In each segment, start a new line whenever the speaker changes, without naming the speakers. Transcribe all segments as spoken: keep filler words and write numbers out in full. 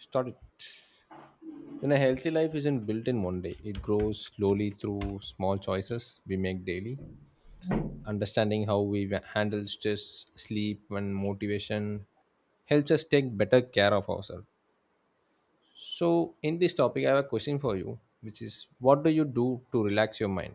Started. And a healthy life isn't built in one day. It grows slowly through small choices we make daily. Understanding how we wa- handle stress, sleep, and motivation helps us take better care of ourselves. So, in this topic, I have a question for you, which is, what do you do to relax your mind?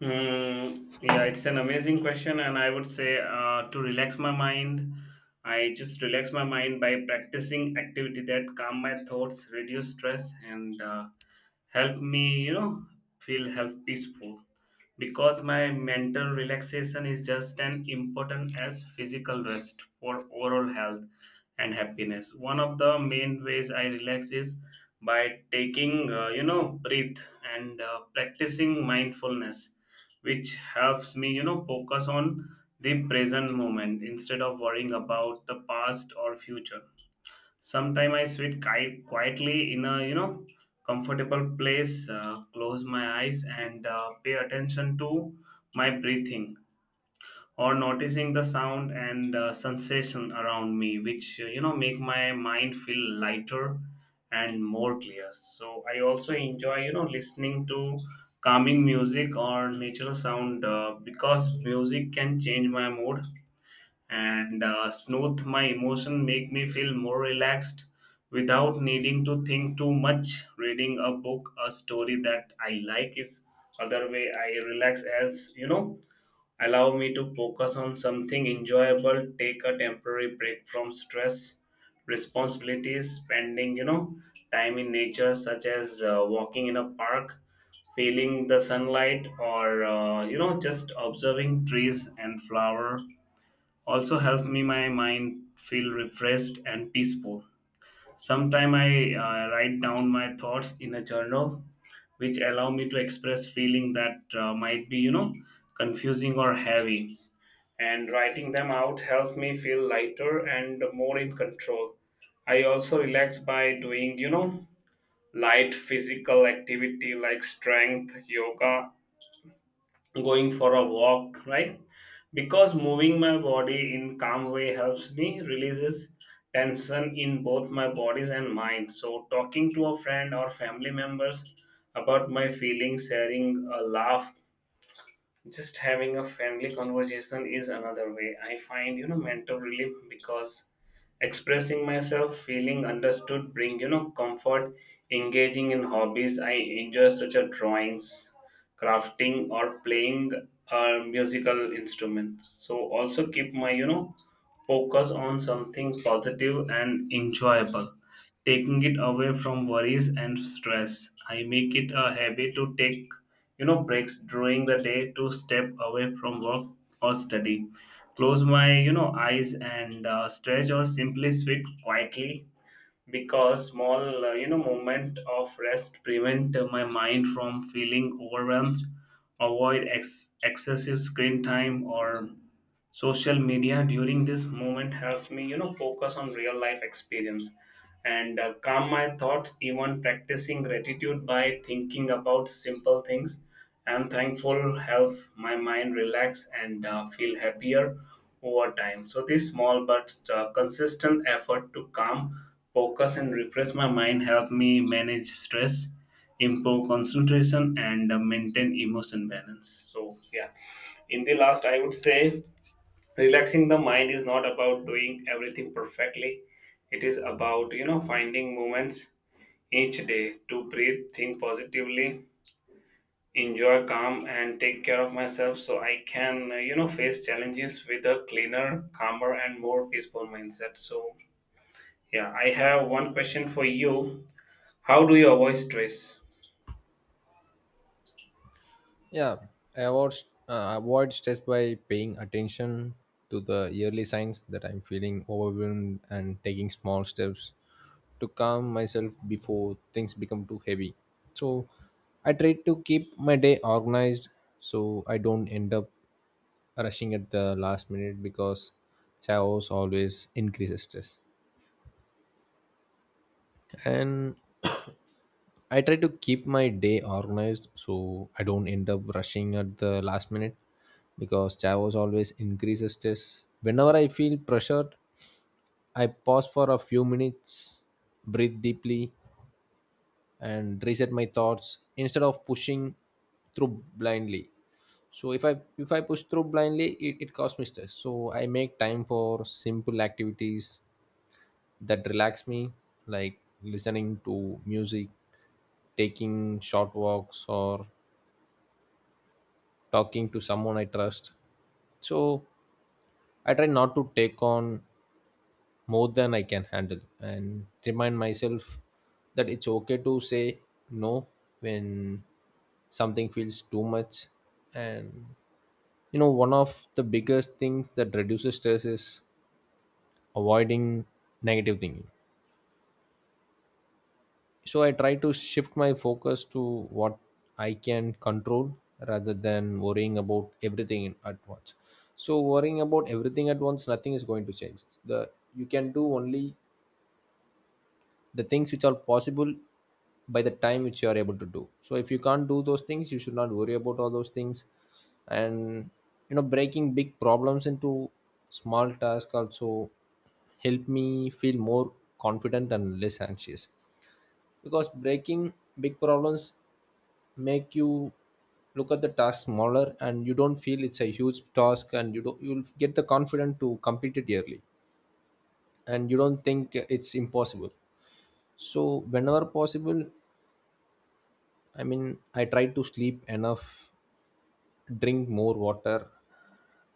Mm, yeah, it's an amazing question, and I would say uh, to relax my mind, I just relax my mind by practicing activity that calm my thoughts, reduce stress, and uh, help me, you know, feel health peaceful. Because my mental relaxation is just as important as physical rest for overall health and happiness. One of the main ways I relax is by taking, uh, you know, breath and uh, practicing mindfulness, which helps me, you know, focus on the present moment instead of worrying about the past or future. Sometimes I sit qui- quietly in a, you know, comfortable place, uh, close my eyes, and uh, pay attention to my breathing or noticing the sound and uh, sensation around me which uh, you know make my mind feel lighter and more clear. So I also enjoy, you know, listening to calming music or natural sound, uh, because music can change my mood and uh, smooth my emotion, make me feel more relaxed without needing to think too much. Reading a book, a story that I like, is other way I relax, as you know, allow me to focus on something enjoyable, take a temporary break from stress, responsibilities, spending, you know, time in nature, such as uh, walking in a park, feeling the sunlight or uh, you know just observing trees and flower, also help me my mind feel refreshed and peaceful. Sometime I uh, write down my thoughts in a journal, which allow me to express feeling that uh, might be, you know, confusing or heavy, and writing them out helps me feel lighter and more in control. I also relax by doing, you know, light physical activity like strength, yoga, going for a walk, right? Because moving my body in calm way helps me releases tension in both my bodies and mind. So talking to a friend or family members about my feelings, sharing a laugh, just having a friendly conversation is another way I find, you know, mental relief, because expressing myself, feeling understood, bring, you know, comfort. Engaging in hobbies I enjoy, such as drawings, crafting, or playing a musical instrument, so also keep my, you know, focus on something positive and enjoyable, taking it away from worries and stress. I make it a habit to take, you know, breaks during the day to step away from work or study. Close my, you know, eyes and uh, stretch or simply sit quietly because small, uh, you know, moment of rest prevent uh, my mind from feeling overwhelmed. Avoid ex- excessive screen time or social media during this moment helps me, you know, focus on real life experience and uh, calm my thoughts. Even practicing gratitude by thinking about simple things I'm thankful help my mind relax and uh, feel happier over time. So this small but uh, consistent effort to calm, focus, and refresh my mind help me manage stress, improve concentration, and uh, maintain emotion balance. So yeah, in the last I would say relaxing the mind is not about doing everything perfectly. It is about, you know, finding moments each day to breathe, think positively, enjoy calm, and take care of myself so I can, uh, you know face challenges with a cleaner, calmer, and more peaceful mindset. So yeah, I have one question for you: how do you avoid stress?
Yeah, I avoid, uh, avoid stress by paying attention to the yearly signs that I'm feeling overwhelmed and taking small steps to calm myself before things become too heavy. So I try to keep my day organized so I don't end up rushing at the last minute because chaos always increases stress. And I try to keep my day organized so I don't end up rushing at the last minute because chaos always increases stress. Whenever I feel pressured, I pause for a few minutes, breathe deeply, and reset my thoughts instead of pushing through blindly. So if i if i push through blindly, it, it causes me stress. So I make time for simple activities that relax me, like listening to music, taking short walks, or talking to someone I trust. So I try not to take on more than I can handle and remind myself that it's okay to say no when something feels too much. And, you know, one of the biggest things that reduces stress is avoiding negative thinking. So I try to shift my focus to what I can control rather than worrying about everything in- at once. So worrying about everything at once, nothing is going to change. The you can do only the things which are possible by the time which you are able to do, so if you can't do those things you should not worry about all those things. And, you know, breaking big problems into small tasks also helped me feel more confident and less anxious, because breaking big problems make you look at the task smaller and you don't feel it's a huge task, and you don't you'll get the confidence to complete it yearly and you don't think it's impossible. So, whenever possible, I mean, I try to sleep enough, drink more water,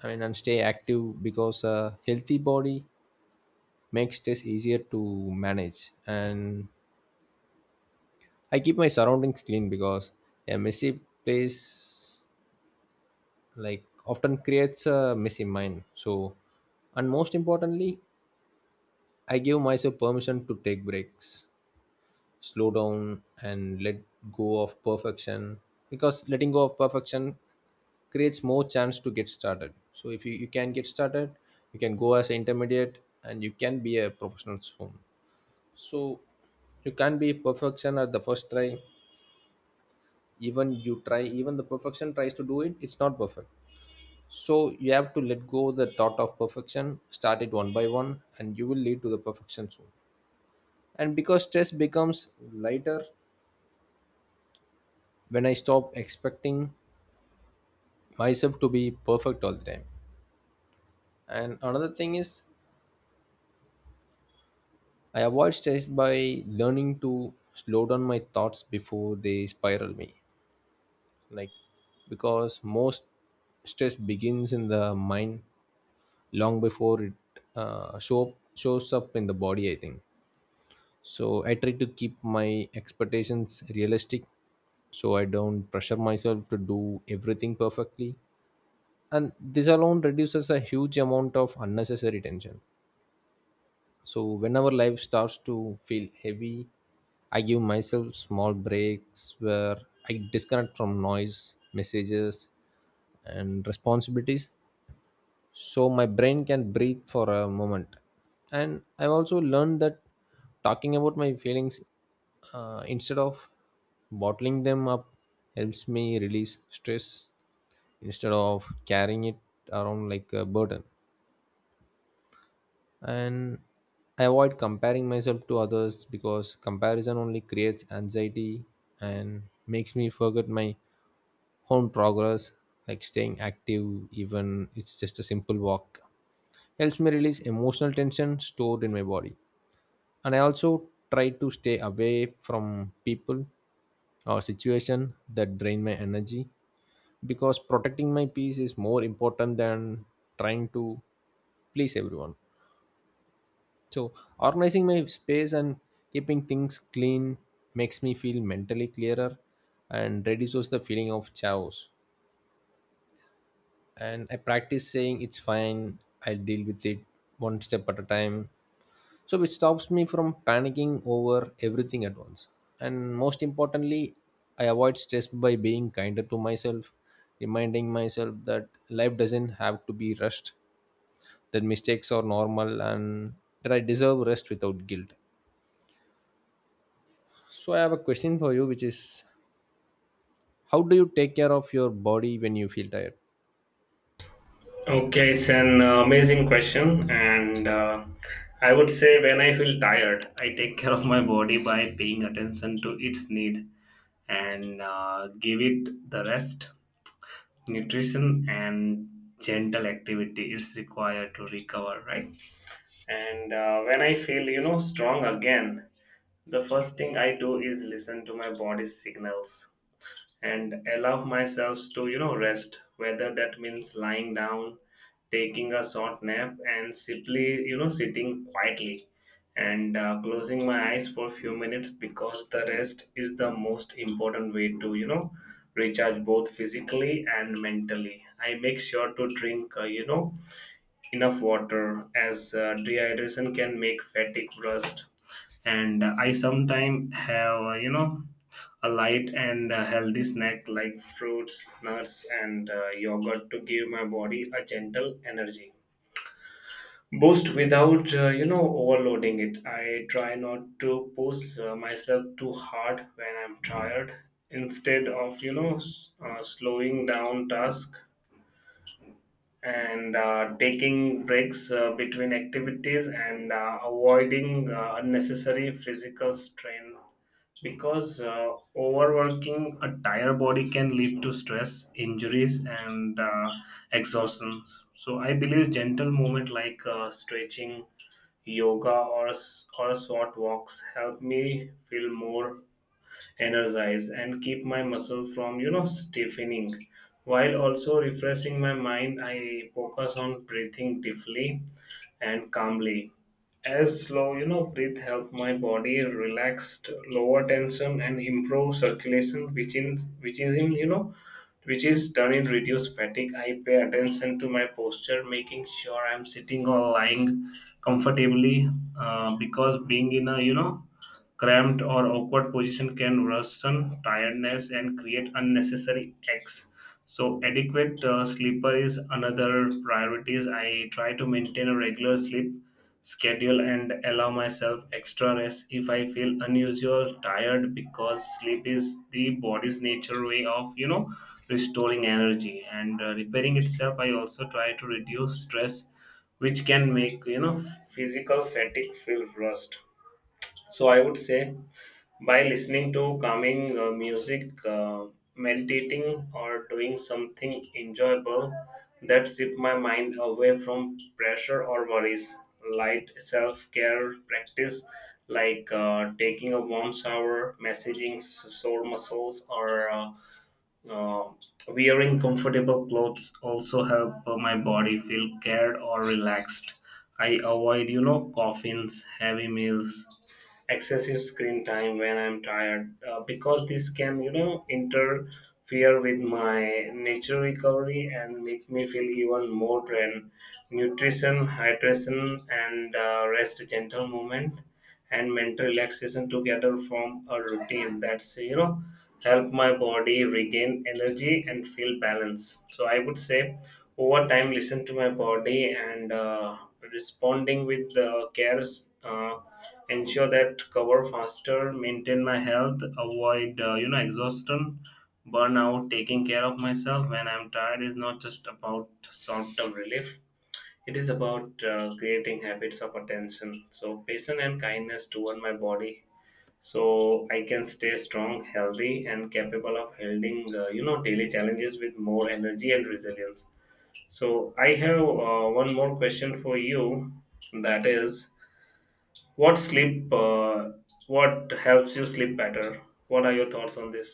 I mean, and stay active because a healthy body makes stress easier to manage. And I keep my surroundings clean because a messy place like often creates a messy mind. So, and most importantly, I give myself permission to take breaks, slow down and let go of perfection, because letting go of perfection creates more chance to get started. So if you, you can get started, you can go as an intermediate and you can be a professional soon. So you can't be perfection at the first try. Even you try, even the perfection tries to do it, it's not perfect. So you have to let go the thought of perfection, start it one by one and you will lead to the perfection soon. And because stress becomes lighter when I stop expecting myself to be perfect all the time. And another thing is, I avoid stress by learning to slow down my thoughts before they spiral me. Like, because most stress begins in the mind long before it uh, show, shows up in the body, I think. So, I try to keep my expectations realistic so I don't pressure myself to do everything perfectly. And this alone reduces a huge amount of unnecessary tension. So whenever life starts to feel heavy, I give myself small breaks where I disconnect from noise, messages, and responsibilities so my brain can breathe for a moment. And I've also learned that talking about my feelings, uh, instead of bottling them up, helps me release stress instead of carrying it around like a burden. And I avoid comparing myself to others because comparison only creates anxiety and makes me forget my own progress. Like, staying active, even it's just a simple walk, helps me release emotional tension stored in my body. And I also try to stay away from people or situation that drain my energy, because protecting my peace is more important than trying to please everyone. So, organizing my space and keeping things clean makes me feel mentally clearer and reduces the feeling of chaos. And I practice saying it's fine, I'll deal with it one step at a time. So, it stops me from panicking over everything at once. And most importantly, I avoid stress by being kinder to myself, reminding myself that life doesn't have to be rushed, that mistakes are normal, and that I deserve rest without guilt. So I have a question for you, which is how do you take care of your body when you feel tired?
Okay, it's an uh, amazing question, and uh, I would say when I feel tired, I take care of my body by paying attention to its need and uh, give it the rest, nutrition, and gentle activity is required to recover, right? And uh, when I feel, you know, strong again, the first thing I do is listen to my body's signals and allow myself to, you know, rest, whether that means lying down, taking a short nap, and simply, you know, sitting quietly and uh, closing my eyes for a few minutes, because the rest is the most important way to, you know, recharge both physically and mentally. I make sure to drink, uh, you know enough water, as uh, dehydration can make fatigue worst. And uh, I sometimes have, uh, you know a light and a healthy snack like fruits, nuts, and uh, yogurt to give my body a gentle energy boost without, uh, you know overloading it. I try not to push uh, myself too hard when I'm tired, instead of, you know, s- uh, slowing down task and uh, taking breaks uh, between activities and uh, avoiding uh, unnecessary physical strain, because uh, overworking a tired body can lead to stress, injuries, and uh, exhaustion. So I believe gentle movement like uh, stretching, yoga, or a, s- or a short walks help me feel more energize and keep my muscle from, you know, stiffening while also refreshing my mind. I focus on breathing deeply and calmly, as slow, you know, breathe help my body relaxed, lower tension, and improve circulation, which in which is in you know which is done in reduce fatigue. I pay attention to my posture, making sure I'm sitting or lying comfortably, uh, because being in a, you know, cramped or awkward position can worsen tiredness and create unnecessary aches. So, adequate uh, sleeper is another priority. I try to maintain a regular sleep schedule and allow myself extra rest if I feel unusual tired, because sleep is the body's nature way of, you know, restoring energy and uh, repairing itself. I also try to reduce stress, which can make, you know, physical fatigue feel worse. So I would say by listening to calming uh, music, uh, meditating, or doing something enjoyable that shift my mind away from pressure or worries. Light self care practice like uh, taking a warm shower, massaging s- sore muscles, or uh, uh, wearing comfortable clothes also help uh, my body feel cared or relaxed. I avoid, you know, coffins, heavy meals, excessive screen time when I'm tired, uh, because this can, you know, interfere with my nature recovery and make me feel even more drained. Nutrition, hydration, and uh, rest, gentle movement, and mental relaxation together form a routine that's, you know, help my body regain energy and feel balance. So I would say over time, listen to my body and uh, responding with the care, uh, ensure that cover faster, maintain my health, avoid, uh, you know exhaustion, burnout. Taking care of myself when I'm tired is not just about short-term relief. It is about uh, creating habits of attention. So, patience and kindness toward my body so I can stay strong, healthy, and capable of handling, uh, you know daily challenges with more energy and resilience. So I have uh, one more question for you, that is, what sleep uh, what helps you sleep better? What are your thoughts on this?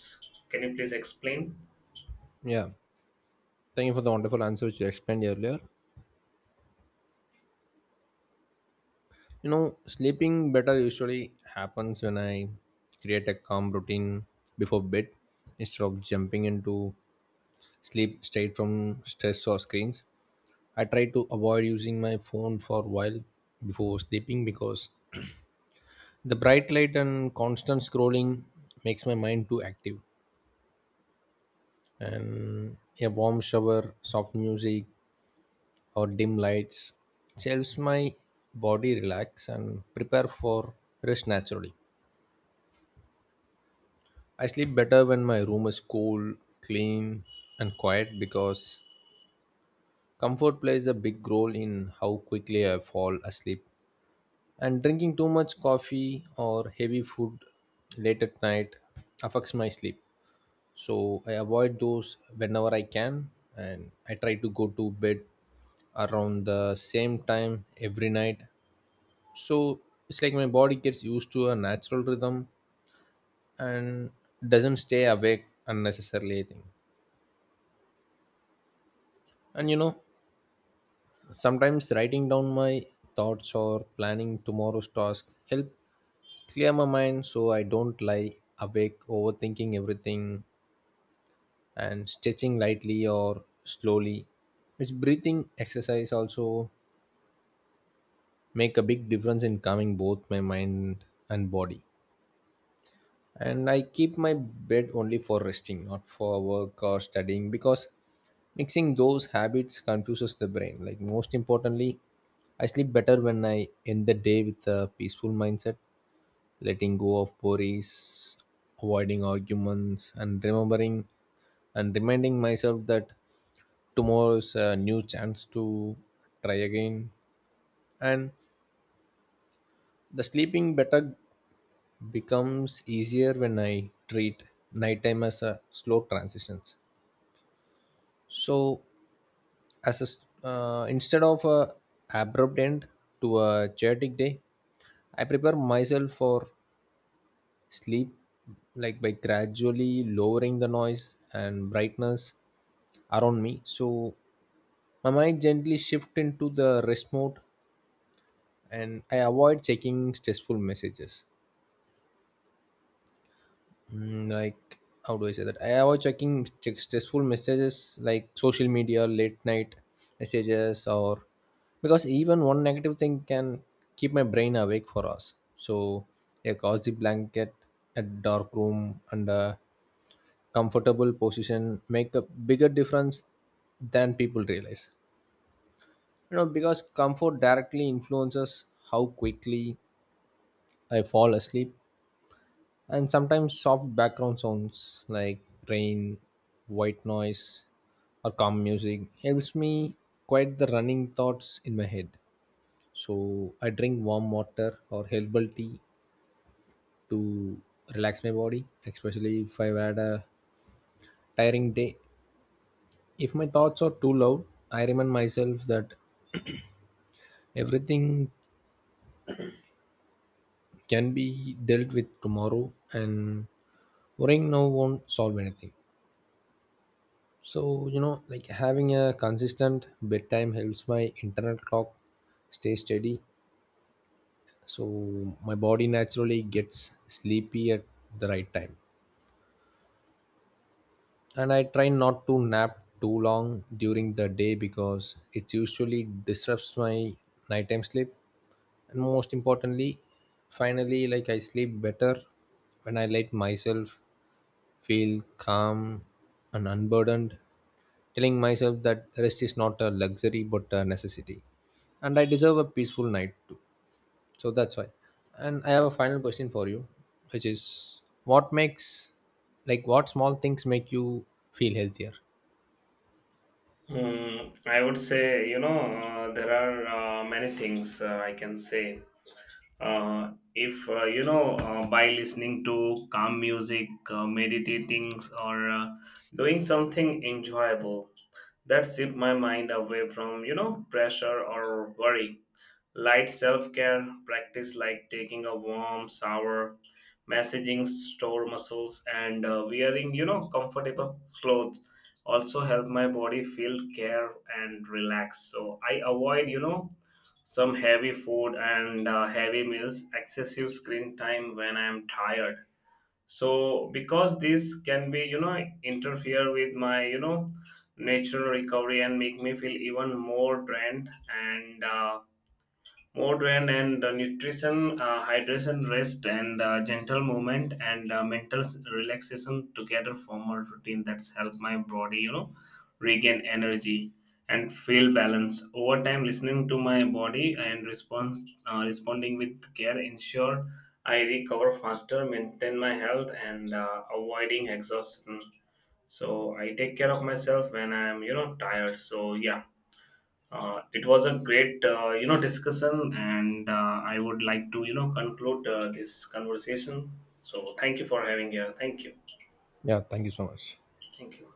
Can you please explain?
Yeah. Thank you for the wonderful answer which you explained earlier. You know, sleeping better usually happens when I create a calm routine before bed instead of jumping into sleep straight from stress or screens. I try to avoid using my phone for a while before sleeping because the bright light and constant scrolling makes my mind too active. And a warm shower, soft music, or dim lights. It helps my body relax and prepare for rest naturally. I sleep better when my room is cool, clean, and quiet because comfort plays a big role in how quickly I fall asleep. And drinking too much coffee or heavy food late at night affects my sleep. So I avoid those whenever I can, and I try to go to bed around the same time every night so it's like my body gets used to a natural rhythm and doesn't stay awake unnecessarily, I think. And, you know, sometimes writing down my thoughts or planning tomorrow's task help clear my mind so I don't lie awake overthinking everything. And stretching lightly or slowly, its breathing exercise, also make a big difference in calming both my mind and body. And I keep my bed only for resting, not for work or studying, because mixing those habits confuses the brain. Like, most importantly, I sleep better when I end the day with a peaceful mindset, letting go of worries, avoiding arguments, and remembering and reminding myself that tomorrow is a new chance to try again. And the sleeping better becomes easier when I treat nighttime as a slow transitions. So, as a s uh, instead of a abrupt end to a chaotic day, I prepare myself for sleep, like by gradually lowering the noise and brightness around me. So, my mind gently shift into the rest mode, and I avoid checking stressful messages. Mm, like how do I say that? I avoid checking check stressful messages like social media, late night messages, or, because even one negative thing can keep my brain awake for us. So a cozy blanket, a dark room, and a comfortable position make a bigger difference than people realize. You know, because comfort directly influences how quickly I fall asleep. And sometimes soft background sounds like rain, white noise, or calm music helps me quiet the running thoughts in my head. So I drink warm water or herbal tea to relax my body, especially if I've had a tiring day. If my thoughts are too loud, I remind myself that everything can be dealt with tomorrow and worrying now won't solve anything. So, you know, like having a consistent bedtime helps my internal clock stay steady. So, my body naturally gets sleepy at the right time. And I try not to nap too long during the day because it usually disrupts my nighttime sleep. And most importantly, finally, like, I sleep better when I let myself feel calm and unburdened, telling myself that rest is not a luxury but a necessity. And I deserve a peaceful night too. So that's why. And I have a final question for you, which is what makes, like what small things make you feel healthier?
Hmm, I would say, you know, uh, there are uh, many things uh, I can say. Uh, if uh, you know uh, By listening to calm music, uh, meditating or uh, doing something enjoyable that shift my mind away from, you know, pressure or worry. Light self care practice like taking a warm shower, massaging sore muscles, and uh, wearing, you know, comfortable clothes also help my body feel care and relax. So I avoid, you know, some heavy food and uh, heavy meals, excessive screen time when I am tired. So because this can be, you know, interfere with my, you know, natural recovery and make me feel even more drained and. Uh, Modern and uh, nutrition, uh, hydration, rest, and uh, gentle movement and uh, mental s- relaxation together form a routine that's helped my body, you know, regain energy and feel balance. Over time, listening to my body and response, uh, responding with care, ensure I recover faster, maintain my health, and uh, avoiding exhaustion. So I take care of myself when I am, you know, tired. So yeah. Uh, it was a great, uh, you know, discussion, and uh, I would like to, you know, conclude uh, this conversation. So, thank you for having here. Thank you.
Yeah, thank you so much.
Thank you.